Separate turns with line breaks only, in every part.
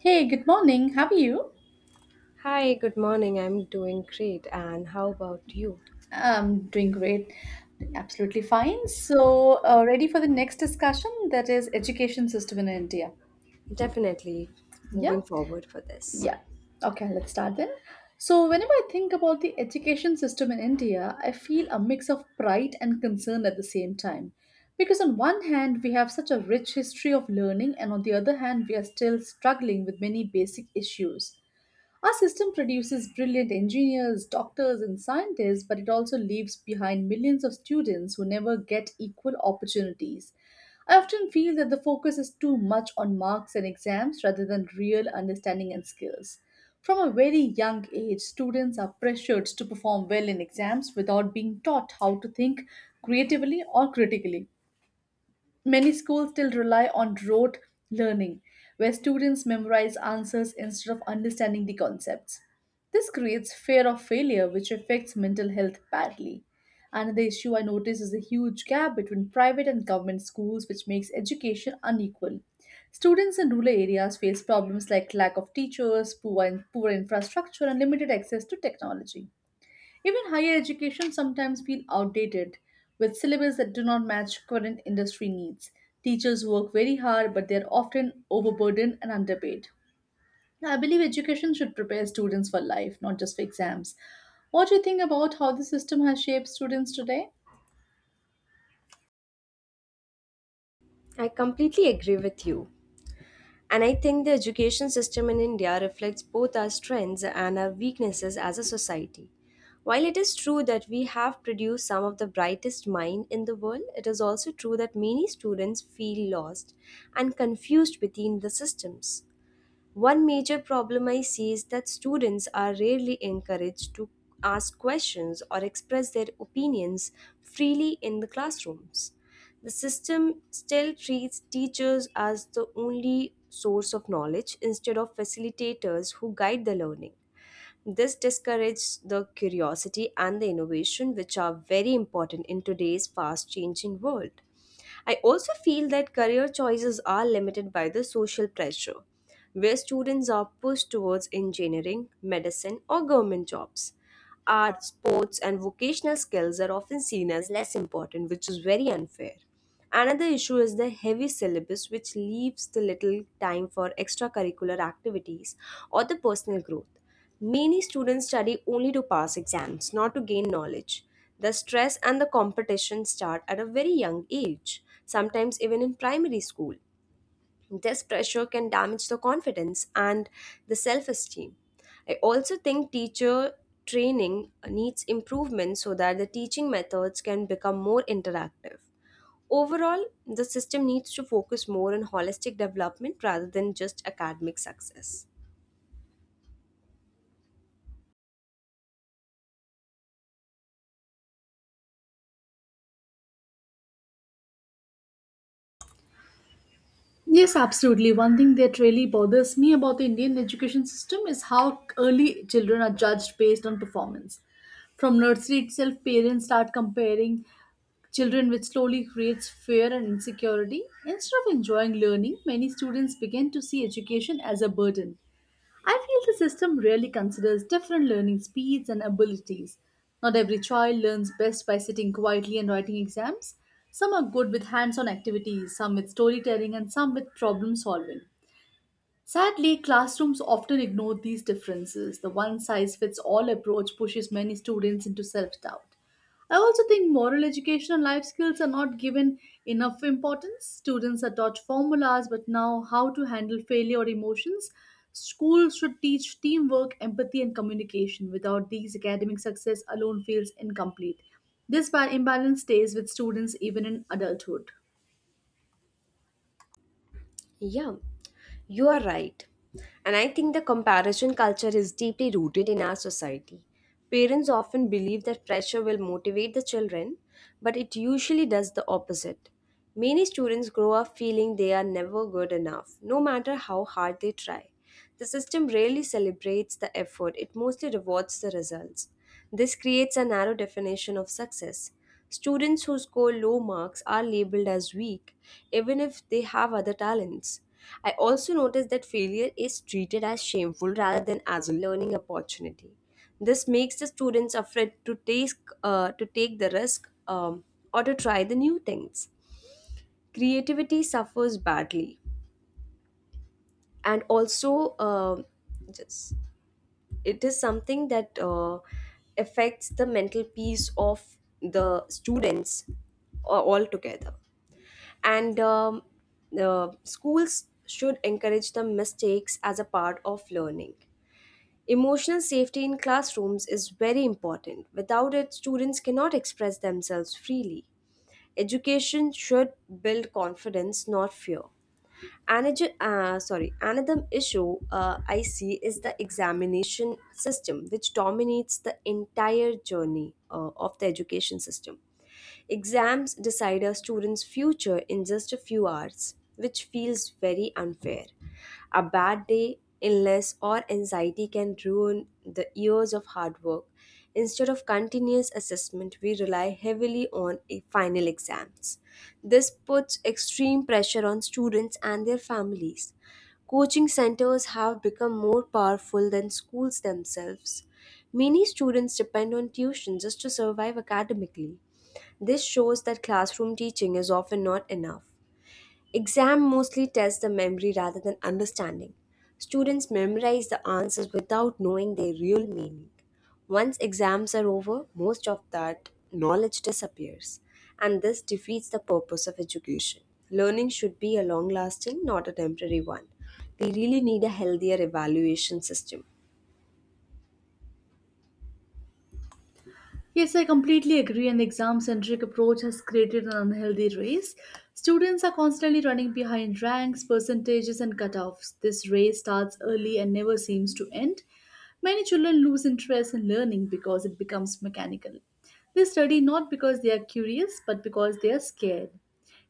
Hey, good morning. How are you?
Hi, good morning. I'm doing great. And how about you?
I'm doing great. Absolutely fine. So, ready for the next discussion that is education system in India.
Definitely
Yeah?
moving forward for this.
Yeah. Okay, let's start then. So, whenever I think about the education system in India, I feel a mix of pride and concern at the same time. Because, on one hand, we have such a rich history of learning, and on the other hand, we are still struggling with many basic issues. Our system produces brilliant engineers, doctors, and scientists, but it also leaves behind millions of students who never get equal opportunities. I often feel that the focus is too much on marks and exams rather than real understanding and skills. From a very young age, students are pressured to perform well in exams without being taught how to think creatively or critically. Many schools still rely on rote learning, where students memorize answers instead of understanding the concepts. This creates fear of failure, which affects mental health badly. Another issue I notice is the huge gap between private and government schools, which makes education unequal. Students in rural areas face problems like lack of teachers, poor infrastructure, and limited access to technology. Even higher education sometimes feel outdated with syllabus that do not match current industry needs. Teachers work very hard but they are often overburdened and underpaid. I believe education should prepare students for life, not just for exams. What do you think about how the system has shaped students today?
I completely agree with you. And I think the education system in India reflects both our strengths and our weaknesses as a society. While it is true that we have produced some of the brightest minds in the world, it is also true that many students feel lost and confused between the systems. One major problem I see is that students are rarely encouraged to ask questions or express their opinions freely in the classrooms. The system still treats teachers as the only source of knowledge instead of facilitators who guide the learning. This discourages the curiosity and the innovation, which are very important in today's fast changing world. I also feel that career choices are limited by the social pressure, where students are pushed towards engineering, medicine, or government jobs. Art, sports, and vocational skills are often seen as less important, which is very unfair. Another issue is the heavy syllabus, which leaves the little time for extracurricular activities or the personal growth. Many students study only to pass exams, not to gain knowledge. The stress and the competition start at a very young age, sometimes even in primary school. This pressure can damage the confidence and the self esteem. I also think teacher training needs improvement so that the teaching methods can become more interactive. Overall, the system needs to focus more on holistic development rather than just academic success.
Yes, absolutely. One thing that really bothers me about the Indian education system is how early children are judged based on performance. From nursery itself, parents start comparing children, which slowly creates fear and insecurity. Instead of enjoying learning, many students begin to see education as a burden. I feel the system really considers different learning speeds and abilities. Not every child learns best by sitting quietly and writing exams. Some are good with hands on activities, some with storytelling, and some with problem solving. Sadly, classrooms often ignore these differences. The one size fits all approach pushes many students into self doubt. I also think moral education and life skills are not given enough importance. Students are taught formulas, but now how to handle failure or emotions. Schools should teach teamwork, empathy, and communication. Without these, academic success alone feels incomplete. This imbalance stays with students even in adulthood.
Yeah, you are right. And I think the comparison culture is deeply rooted in our society. Parents often believe that pressure will motivate the children, but it usually does the opposite. Many students grow up feeling they are never good enough, no matter how hard they try. The system rarely celebrates the effort, it mostly rewards the results. This creates a narrow definition of success. Students who score low marks are labeled as weak, even if they have other talents. I also noticed that failure is treated as shameful rather than as a learning opportunity. This makes the students afraid to take the risk or to try the new things. Creativity suffers badly, and also just it is something that affects the mental peace of the students altogether, and the schools should encourage the mistakes as a part of learning. Emotional safety in classrooms is very important. Without it students cannot express themselves freely. Education should build confidence, not fear. Another issue I see is the examination system, which dominates the entire journey of the education system. Exams decide a student's future in just a few hours, which feels very unfair. A bad day, illness, or anxiety can ruin the years of hard work. Instead of continuous assessment, we rely heavily on final exams. This puts extreme pressure on students and their families. Coaching centers have become more powerful than schools themselves. Many students depend on tuition just to survive academically. This shows that classroom teaching is often not enough. Exam mostly tests the memory rather than understanding. Students memorize the answers without knowing their real meaning. Once exams are over, most of that knowledge disappears, and this defeats the purpose of education. Learning should be a long lasting, not a temporary one. We really need a healthier evaluation system.
Yes, I completely agree. An exam centric approach has created an unhealthy race. Students are constantly running behind ranks, percentages, and cutoffs. This race starts early and never seems to end. Many children lose interest in learning because it becomes mechanical. They study not because they are curious, but because they are scared.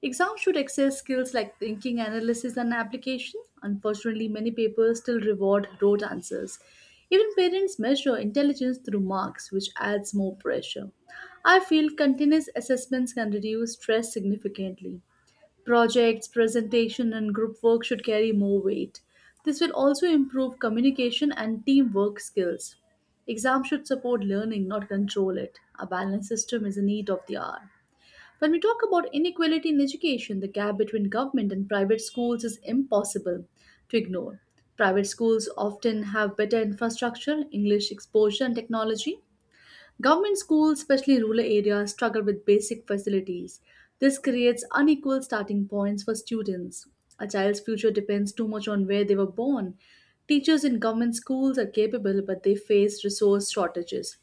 Exams should access skills like thinking, analysis, and application. Unfortunately, many papers still reward rote answers. Even parents measure intelligence through marks, which adds more pressure. I feel continuous assessments can reduce stress significantly. Projects, presentation, and group work should carry more weight. This will also improve communication and teamwork skills. Exams should support learning, not control it. A balanced system is a need of the hour. When we talk about inequality in education, the gap between government and private schools is impossible to ignore. Private schools often have better infrastructure, English exposure, and technology. Government schools, especially rural areas, struggle with basic facilities. This creates unequal starting points for students. A child's future depends too much on where they were born. Teachers in government schools are capable, but they face resource shortages.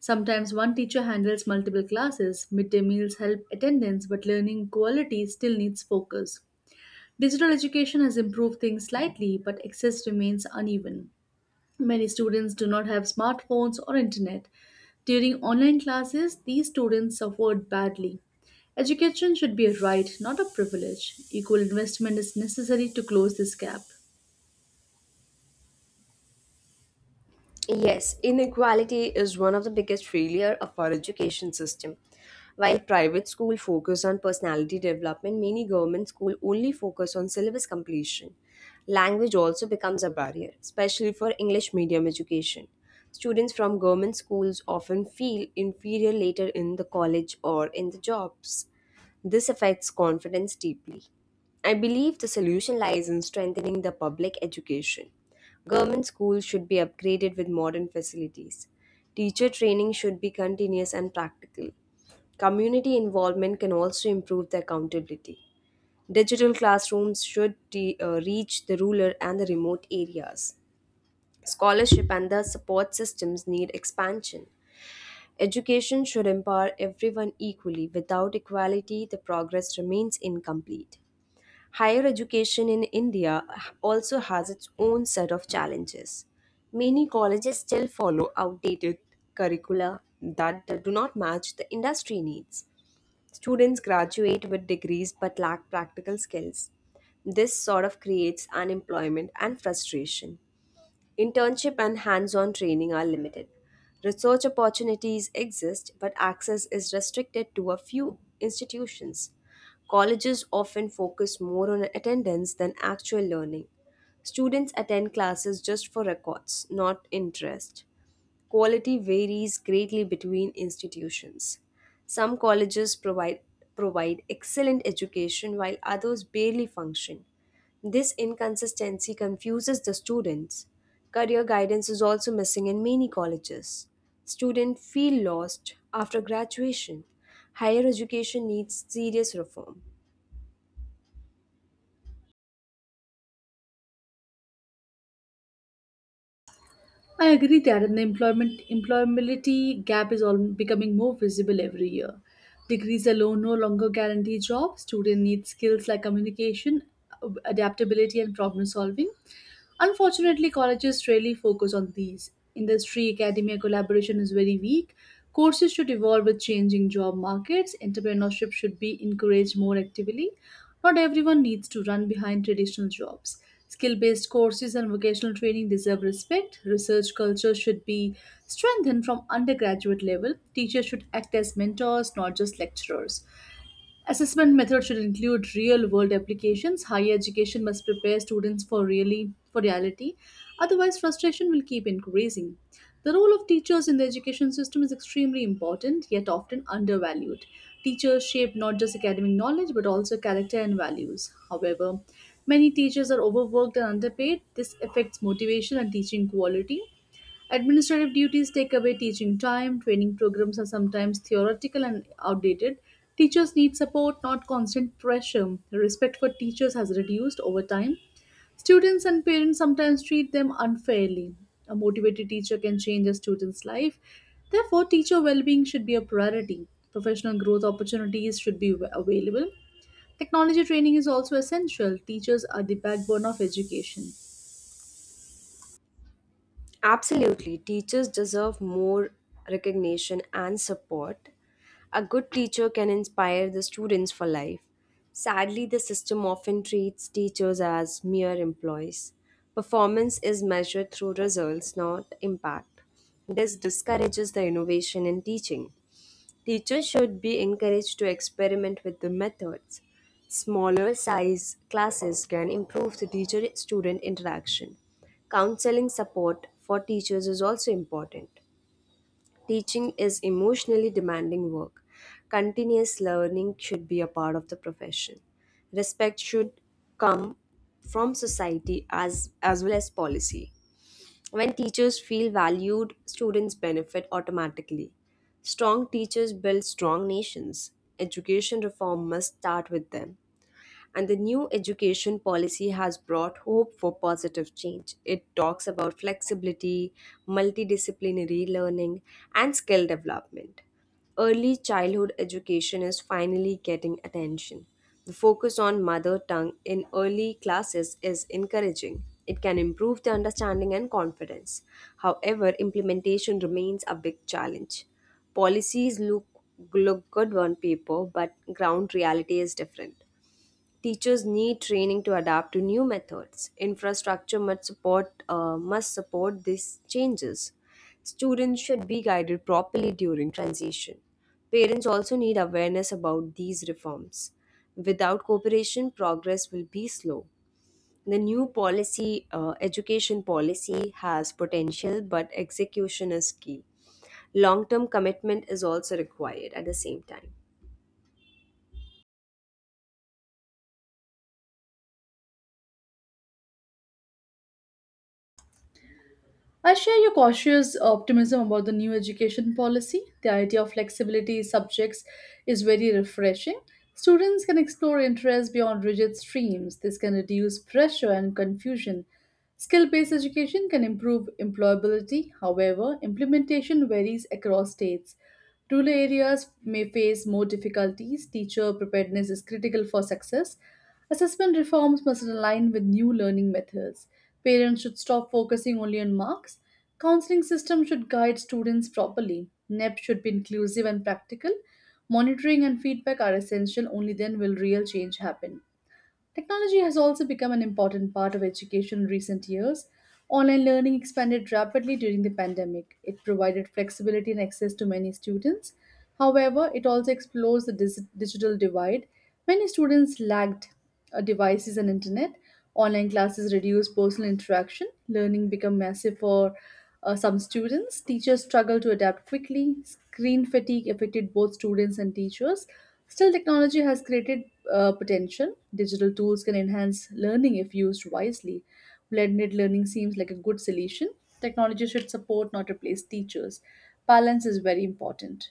Sometimes one teacher handles multiple classes, midday meals help attendance, but learning quality still needs focus. Digital education has improved things slightly, but access remains uneven. Many students do not have smartphones or internet. During online classes, these students suffered badly. Education should be a right, not a privilege. Equal investment is necessary to close this gap.
Yes, inequality is one of the biggest failure of our education system. While private school focus on personality development, many government school only focus on syllabus completion. Language also becomes a barrier, especially for English medium education. Students from government schools often feel inferior later in the college or in the jobs. This affects confidence deeply. I believe the solution lies in strengthening the public education. Government schools should be upgraded with modern facilities. Teacher training should be continuous and practical. Community involvement can also improve the accountability. Digital classrooms should reach the rural and the remote areas. Scholarship and the support systems need expansion. Education should empower everyone equally. Without equality, the progress remains incomplete. Higher education in India also has its own set of challenges. Many colleges still follow outdated curricula that do not match the industry needs. Students graduate with degrees but lack practical skills. This sort of creates unemployment and frustration. Internship and hands on training are limited. Research opportunities exist, but access is restricted to a few institutions. Colleges often focus more on attendance than actual learning. Students attend classes just for records, not interest. Quality varies greatly between institutions. Some provide excellent education while others barely function. This inconsistency confuses the students. Career guidance is also missing in many colleges. Students feel lost after graduation. Higher education needs serious reform.
I agree that the employment employability gap is all becoming more visible every year. Degrees alone no longer guarantee jobs. Students need skills like communication, adaptability, and problem solving. Unfortunately, colleges rarely focus on these. Industry academia collaboration is very weak. Courses should evolve with changing job markets. Entrepreneurship should be encouraged more actively. Not everyone needs to run behind traditional jobs. Skill based courses and vocational training deserve respect. Research culture should be strengthened from undergraduate level. Teachers should act as mentors, not just lecturers. Assessment methods should include real-world applications. Higher education must prepare students for really for reality. Otherwise, frustration will keep increasing. The role of teachers in the education system is extremely important, yet often undervalued. Teachers shape not just academic knowledge but also character and values. However, many teachers are overworked and underpaid. This affects motivation and teaching quality. Administrative duties take away teaching time, training programs are sometimes theoretical and outdated. Teachers need support, not constant pressure. Respect for teachers has reduced over time. Students and parents sometimes treat them unfairly. A motivated teacher can change a student's life. Therefore, teacher well being should be a priority. Professional growth opportunities should be available. Technology training is also essential. Teachers are the backbone of education.
Absolutely. Teachers deserve more recognition and support. A good teacher can inspire the students for life. Sadly, the system often treats teachers as mere employees. Performance is measured through results, not impact. This discourages the innovation in teaching. Teachers should be encouraged to experiment with the methods. Smaller size classes can improve the teacher student interaction. Counseling support for teachers is also important. Teaching is emotionally demanding work. Continuous learning should be a part of the profession. Respect should come from society as well as policy. When teachers feel valued, students benefit automatically. Strong teachers build strong nations. Education reform must start with them, and the new education policy has brought hope for positive change. It talks about flexibility, multidisciplinary learning, and skill development. Early childhood education is finally getting attention. The focus on mother tongue in early classes is encouraging. It can improve the understanding and confidence. However, implementation remains a big challenge. Policies look, look good on paper, but ground reality is different. Teachers need training to adapt to new methods. Infrastructure must support these changes. Students should be guided properly during transition. Parents also need awareness about these reforms. Without cooperation, progress will be slow. The education policy has potential, but execution is key. Long term commitment is also required at the same time.
I share your cautious optimism about the new education policy. The idea of flexibility subjects is very refreshing. Students can explore interests beyond rigid streams. This can reduce pressure and confusion. Skill based education can improve employability. However, implementation varies across states. Rural areas may face more difficulties. Teacher preparedness is critical for success. Assessment reforms must align with new learning methods. Parents should stop focusing only on marks. Counseling system should guide students properly. NEP should be inclusive and practical. Monitoring and feedback are essential. Only then will real change happen. Technology has also become an important part of education in recent years. Online learning expanded rapidly during the pandemic. It provided flexibility and access to many students. However, it also explores the digital divide. Many students lacked devices and internet. Online classes reduced personal interaction. Learning became massive for some students. Teachers struggled to adapt quickly. Screen fatigue affected both students and teachers. Still, technology has created potential. Digital tools can enhance learning if used wisely. Blended learning seems like a good solution. Technology should support, not replace teachers. Balance is very important.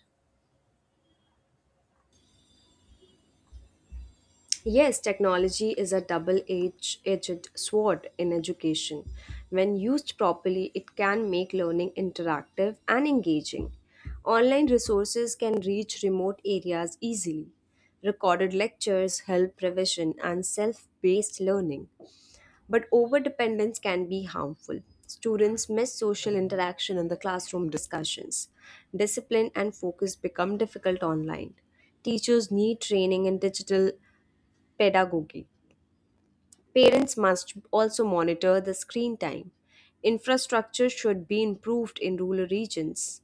Yes, technology is a double edged sword in education. When used properly, it can make learning interactive and engaging. Online resources can reach remote areas easily. Recorded lectures help revision and self based learning. But over dependence can be harmful. Students miss social interaction in the classroom discussions. Discipline and focus become difficult online. Teachers need training in digital pedagogy. Parents must also monitor the screen time. Infrastructure should be improved in rural regions.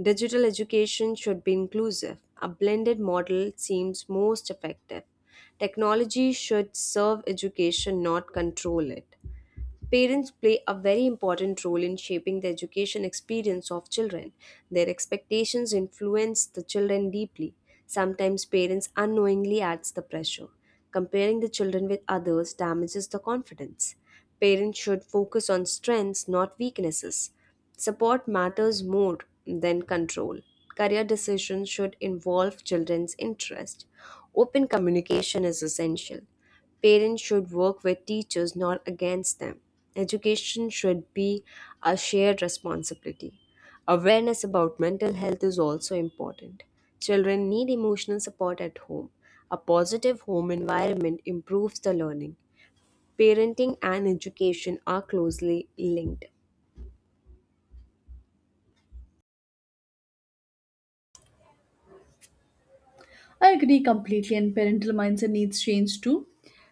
Digital education should be inclusive. A blended model seems most effective. Technology should serve education, not control it. Parents play a very important role in shaping the education experience of children. Their expectations influence the children deeply. Sometimes parents unknowingly adds the pressure. Comparing the children with others damages the confidence. Parents should focus on strengths, not weaknesses. Support matters more than control. Career decisions should involve children's interest. Open communication is essential. Parents should work with teachers, not against them. Education should be a shared responsibility. Awareness about mental health is also important. Children need emotional support at home. A positive home environment improves the learning. Parenting and education are closely linked.
I agree completely, and parental mindset needs change too.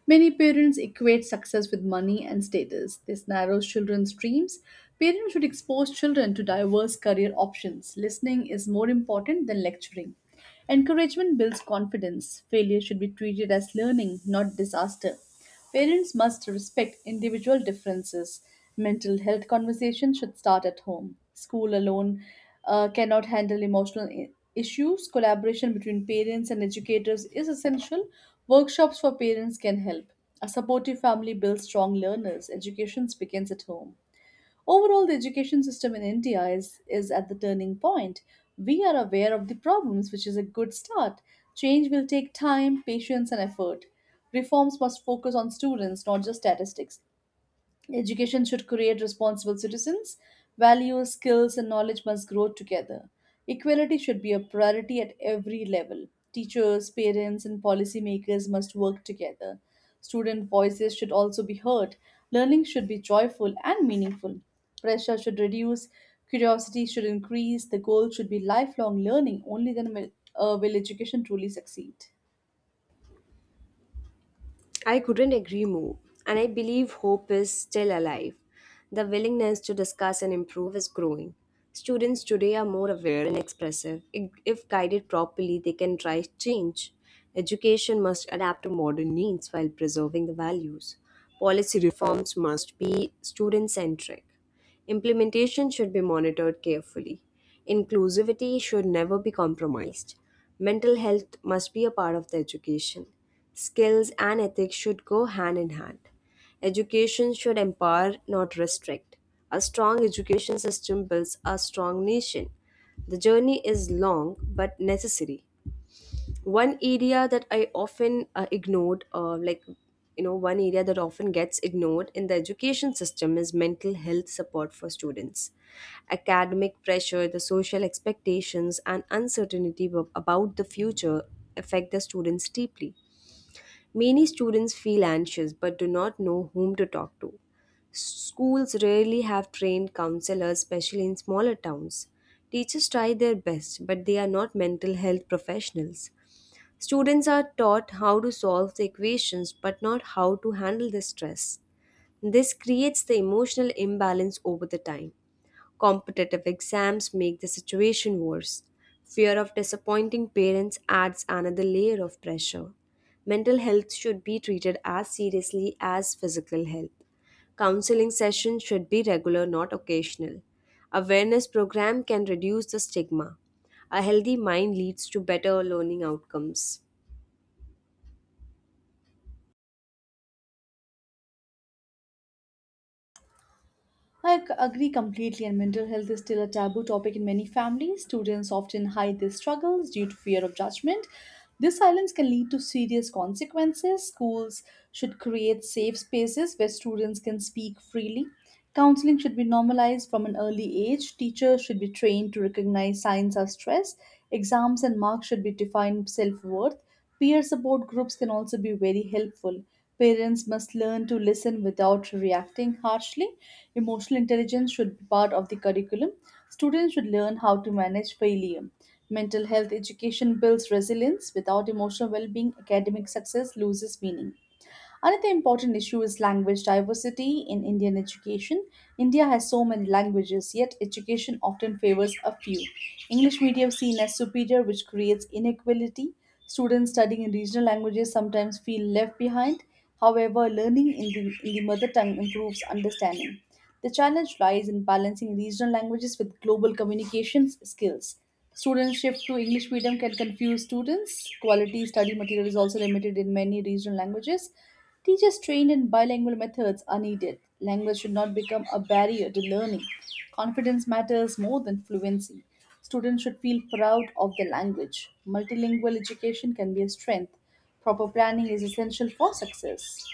Many parents equate success with money and status. This narrows children's dreams. Parents should expose children to diverse career options. Listening is more important than lecturing. Encouragement builds confidence. Failure should be treated as learning, not disaster. Parents must respect individual differences. Mental health conversations should start at home. School alone cannot handle emotional issues. Collaboration between parents and educators is essential. Workshops for parents can help. A supportive family builds strong learners. Education begins at home. Overall, the education system in India is at the turning point. We are aware of the problems, which is a good start. Change will take time, patience, and effort. Reforms must focus on students, not just statistics. Education should create responsible citizens. Values, skills, and knowledge must grow together. Equality should be a priority at every level. Teachers, parents, and policymakers must work together. Student voices should also be heard. Learning should be joyful and meaningful. Pressure should reduce, curiosity should increase, the goal should be lifelong learning. Only then will education truly succeed.
I couldn't agree more, and I believe hope is still alive. The willingness to discuss and improve is growing. Students today are more aware and expressive. If guided properly, they can drive change. Education must adapt to modern needs while preserving the values. Policy reforms must be student centric. Implementation should be monitored carefully. Inclusivity should never be compromised. Mental health must be a part of the education. Skills and ethics should go hand in hand. Education should empower, not restrict. A strong education system builds a strong nation. The journey is long but necessary. One area that I often ignored like you know one area that often gets ignored in the education system is mental health support for students. Academic pressure, the social expectations, and uncertainty about the future affect the students deeply. Many students feel anxious but do not know whom to talk to. Schools rarely have trained counselors, especially in smaller towns. Teachers try their best, but they are not mental health professionals. Students are taught how to solve the equations but not how to handle the stress. This creates the emotional imbalance over the time. Competitive exams make the situation worse. Fear of disappointing parents adds another layer of pressure. Mental health should be treated as seriously as physical health. Counseling sessions should be regular, not occasional. Awareness program can reduce the stigma. A healthy mind leads to better learning outcomes.
I agree completely, and mental health is still a taboo topic in many families. Students often hide their struggles due to fear of judgment. This silence can lead to serious consequences. Schools should create safe spaces where students can speak freely. Counseling should be normalized from an early age. Teachers should be trained to recognize signs of stress. Exams and marks should be defined self worth. Peer support groups can also be very helpful. Parents must learn to listen without reacting harshly. Emotional intelligence should be part of the curriculum. Students should learn how to manage failure. Mental health education builds resilience. Without emotional well being, academic success loses meaning. Another important issue is language diversity in Indian education. India has so many languages, yet education often favors a few. English medium seen as superior, which creates inequality. Students studying in regional languages sometimes feel left behind. However, learning in the mother tongue improves understanding. The challenge lies in balancing regional languages with global communications skills. Students shift to English medium can confuse students. Quality study material is also limited in many regional languages. Teachers trained in bilingual methods are needed. Language should not become a barrier to learning. Confidence matters more than fluency. Students should feel proud of their language. Multilingual education can be a strength. Proper planning is essential for success.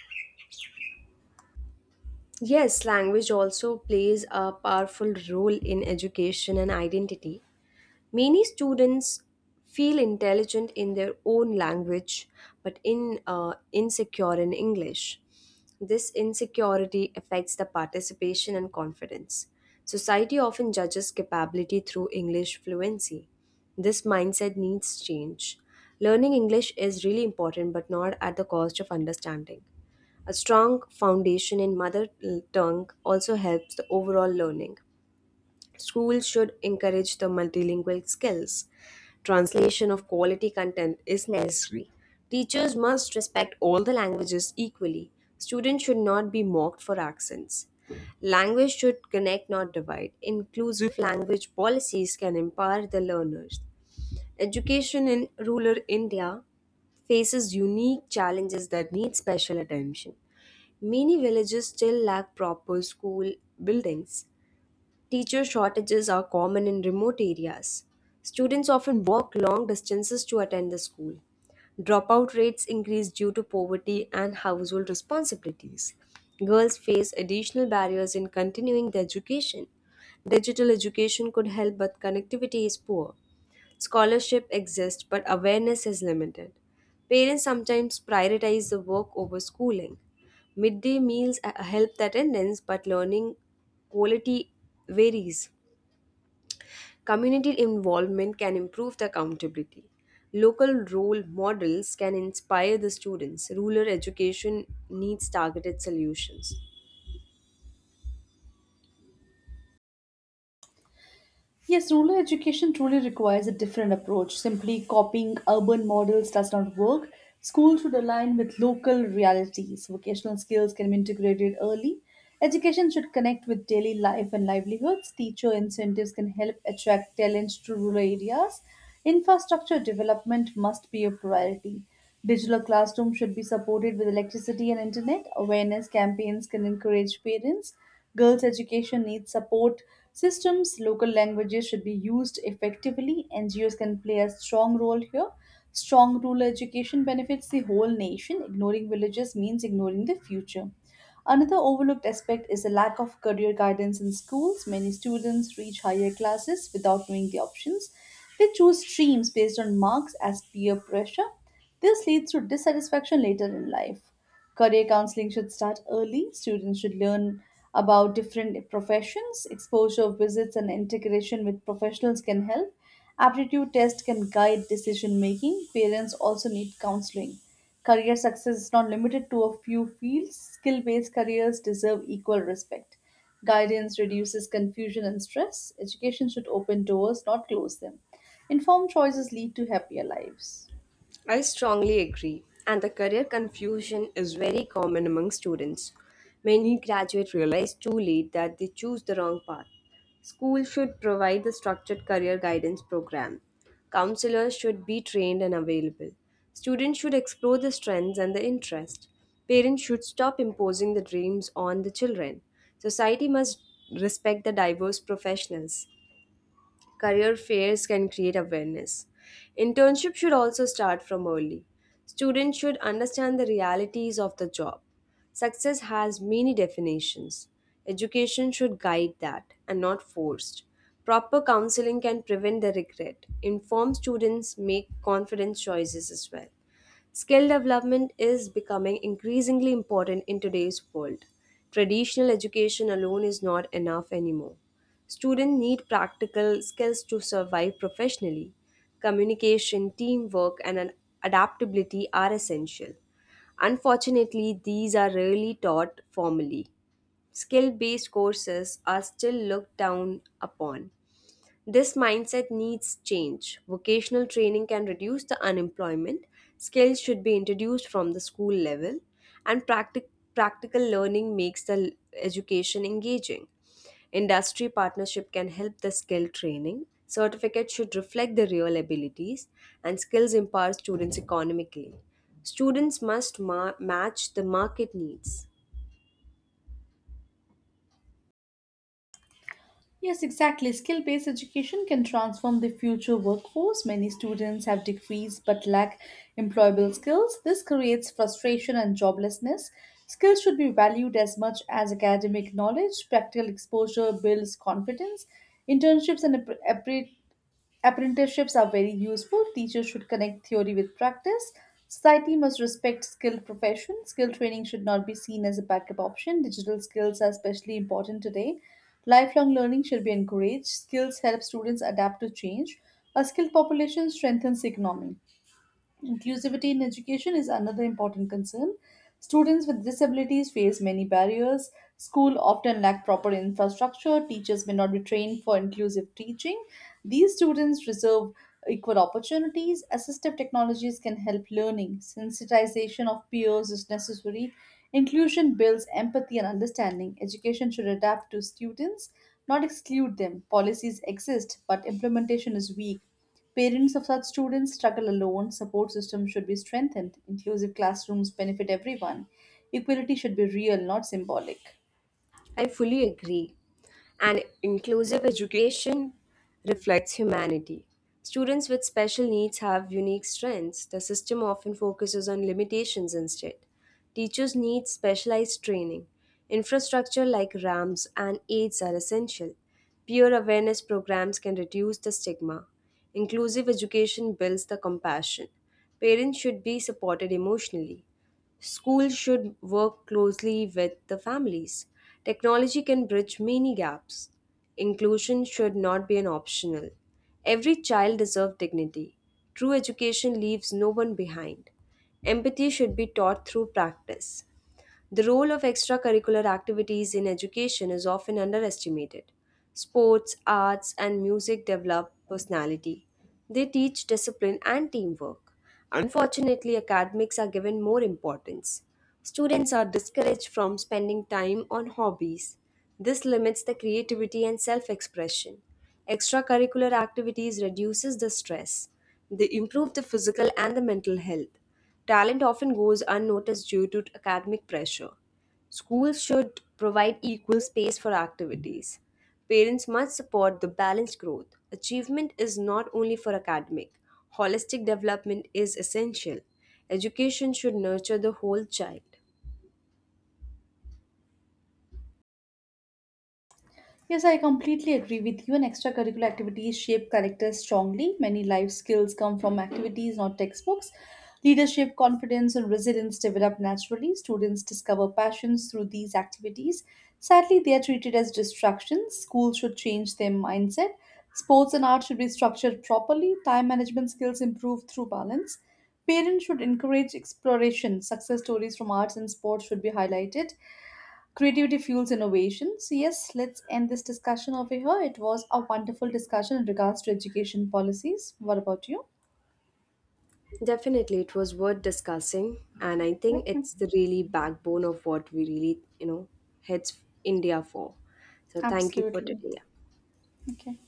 Yes, language also plays a powerful role in education and identity. Many students feel intelligent in their own language but in insecure in English. This insecurity affects the participation and confidence. Society often judges capability through English fluency. This mindset needs change. Learning English is really important but not at the cost of understanding. A strong foundation in mother tongue also helps the overall learning. Schools should encourage the multilingual skills. Translation of quality content is necessary. Teachers must respect all the languages equally. Students should not be mocked for accents. Language should connect, not divide. Inclusive language policies can empower the learners. Education in rural India faces unique challenges that need special attention. Many villages still lack proper school buildings. Teacher shortages are common in remote areas. Students often walk long distances to attend the school. Dropout rates increase due to poverty and household responsibilities. Girls face additional barriers in continuing their education. Digital education could help, but connectivity is poor. Scholarship exists, but awareness is limited. Parents sometimes prioritize the work over schooling. Midday meals help the attendance, but learning quality varies. Community involvement can improve the accountability. Local role models can inspire the students. Rural education needs targeted solutions.
Yes, rural education truly requires a different approach. Simply copying urban models does not work. Schools should align with local realities. Vocational skills can be integrated early. Education should connect with daily life and livelihoods. Teacher incentives can help attract talents to rural areas. Infrastructure development must be a priority. Digital classrooms should be supported with electricity and internet. Awareness campaigns can encourage parents. Girls' education needs support systems. Local languages should be used effectively. NGOs can play a strong role here. Strong rural education benefits the whole nation. Ignoring villages means ignoring the future. Another overlooked aspect is the lack of career guidance in schools. Many students reach higher classes without knowing the options. They choose streams based on marks as peer pressure. This leads to dissatisfaction later in life. Career counseling should start early. Students should learn about different professions. Exposure visits and integration with professionals can help. Aptitude tests can guide decision making. Parents also need counseling. Career success is not limited to a few fields. Skill based careers deserve equal respect. Guidance reduces confusion and stress. Education should open doors, not close them. Informed choices lead to happier lives.
I strongly agree, and the career confusion is very common among students. Many graduates realize too late that they choose the wrong path. School should provide the structured career guidance program. Counselors should be trained and available. Students should explore the strengths and the interest. Parents should stop imposing the dreams on the children. Society must respect the diverse professionals. Career fairs can create awareness. Internship should also start from early. Students should understand the realities of the job. Success has many definitions. Education should guide that and not forced. Proper counseling can prevent the regret. Inform students make confident choices as well. Skill development is becoming increasingly important in today's world. Traditional education alone is not enough anymore. Students need practical skills to survive professionally. Communication, teamwork, and adaptability are essential. Unfortunately, these are rarely taught formally. Skill based courses are still looked down upon. This mindset needs change. Vocational training can reduce the unemployment, skills should be introduced from the school level, and practical learning makes education engaging. Industry partnership can help the skill training. Certificates should reflect the real abilities, and skills empower students economically. Students must match the market needs.
Yes, exactly. Skill based education can transform the future workforce. Many students have degrees but lack employable skills. This creates frustration and joblessness. Skills should be valued as much as academic knowledge. Practical exposure builds confidence. Internships and Apprenticeships are very useful. Teachers should connect theory with practice. Society must respect skilled profession. Skill training should not be seen as a backup option. Digital skills are especially important today. Lifelong learning should be encouraged. Skills help students adapt to change. A skilled population strengthens economy. Inclusivity in education is another important concern. Students with disabilities face many barriers. School often lack proper infrastructure. Teachers may not be trained for inclusive teaching. These students deserve equal opportunities. Assistive technologies can help learning. Sensitization of peers is necessary. Inclusion builds empathy and understanding. Education should adapt to students, not exclude them. Policies exist, but implementation is weak. Parents of such students struggle alone. Support systems should be strengthened. Inclusive classrooms benefit everyone. Equality should be real, not symbolic.
I fully agree, and inclusive education reflects humanity. Students with special needs have unique strengths. The system often focuses on limitations instead. Teachers need specialized training. Infrastructure like ramps and aids are essential. Peer awareness programs can reduce the stigma. Inclusive education builds the compassion. Parents should be supported emotionally. Schools should work closely with the families. Technology can bridge many gaps. Inclusion should not be an optional. Every child deserves dignity. True education leaves no one behind. Empathy should be taught through practice. The role of extracurricular activities in education is often underestimated. Sports, arts, and music develop personality. They teach discipline and teamwork. Unfortunately, academics are given more importance. Students are discouraged from spending time on hobbies. This limits the creativity and self-expression. Extracurricular activities reduces the stress. They improve the physical and the mental health. Talent often goes unnoticed due to academic pressure. Schools should provide equal space for activities. Parents must support the balanced growth. Achievement is not only for academic, holistic development is essential. Education should nurture the whole child.
Yes, I completely agree with you. And extracurricular activities shape characters strongly. Many life skills come from activities, not textbooks. Leadership, confidence, and resilience develop naturally. Students discover passions through these activities. Sadly, they are treated as distractions. Schools should change their mindset. Sports and art should be structured properly. Time management skills improve through balance. Parents should encourage exploration. Success stories from arts and sports should be highlighted. Creativity fuels innovations. Yes, let's end this discussion over here. It was a wonderful discussion in regards to education policies. What about you?
Definitely, it was worth discussing, and I think
Okay,
it's the really backbone of what we really, heads India for. So, thank you for
absolutely.
today.
Okay.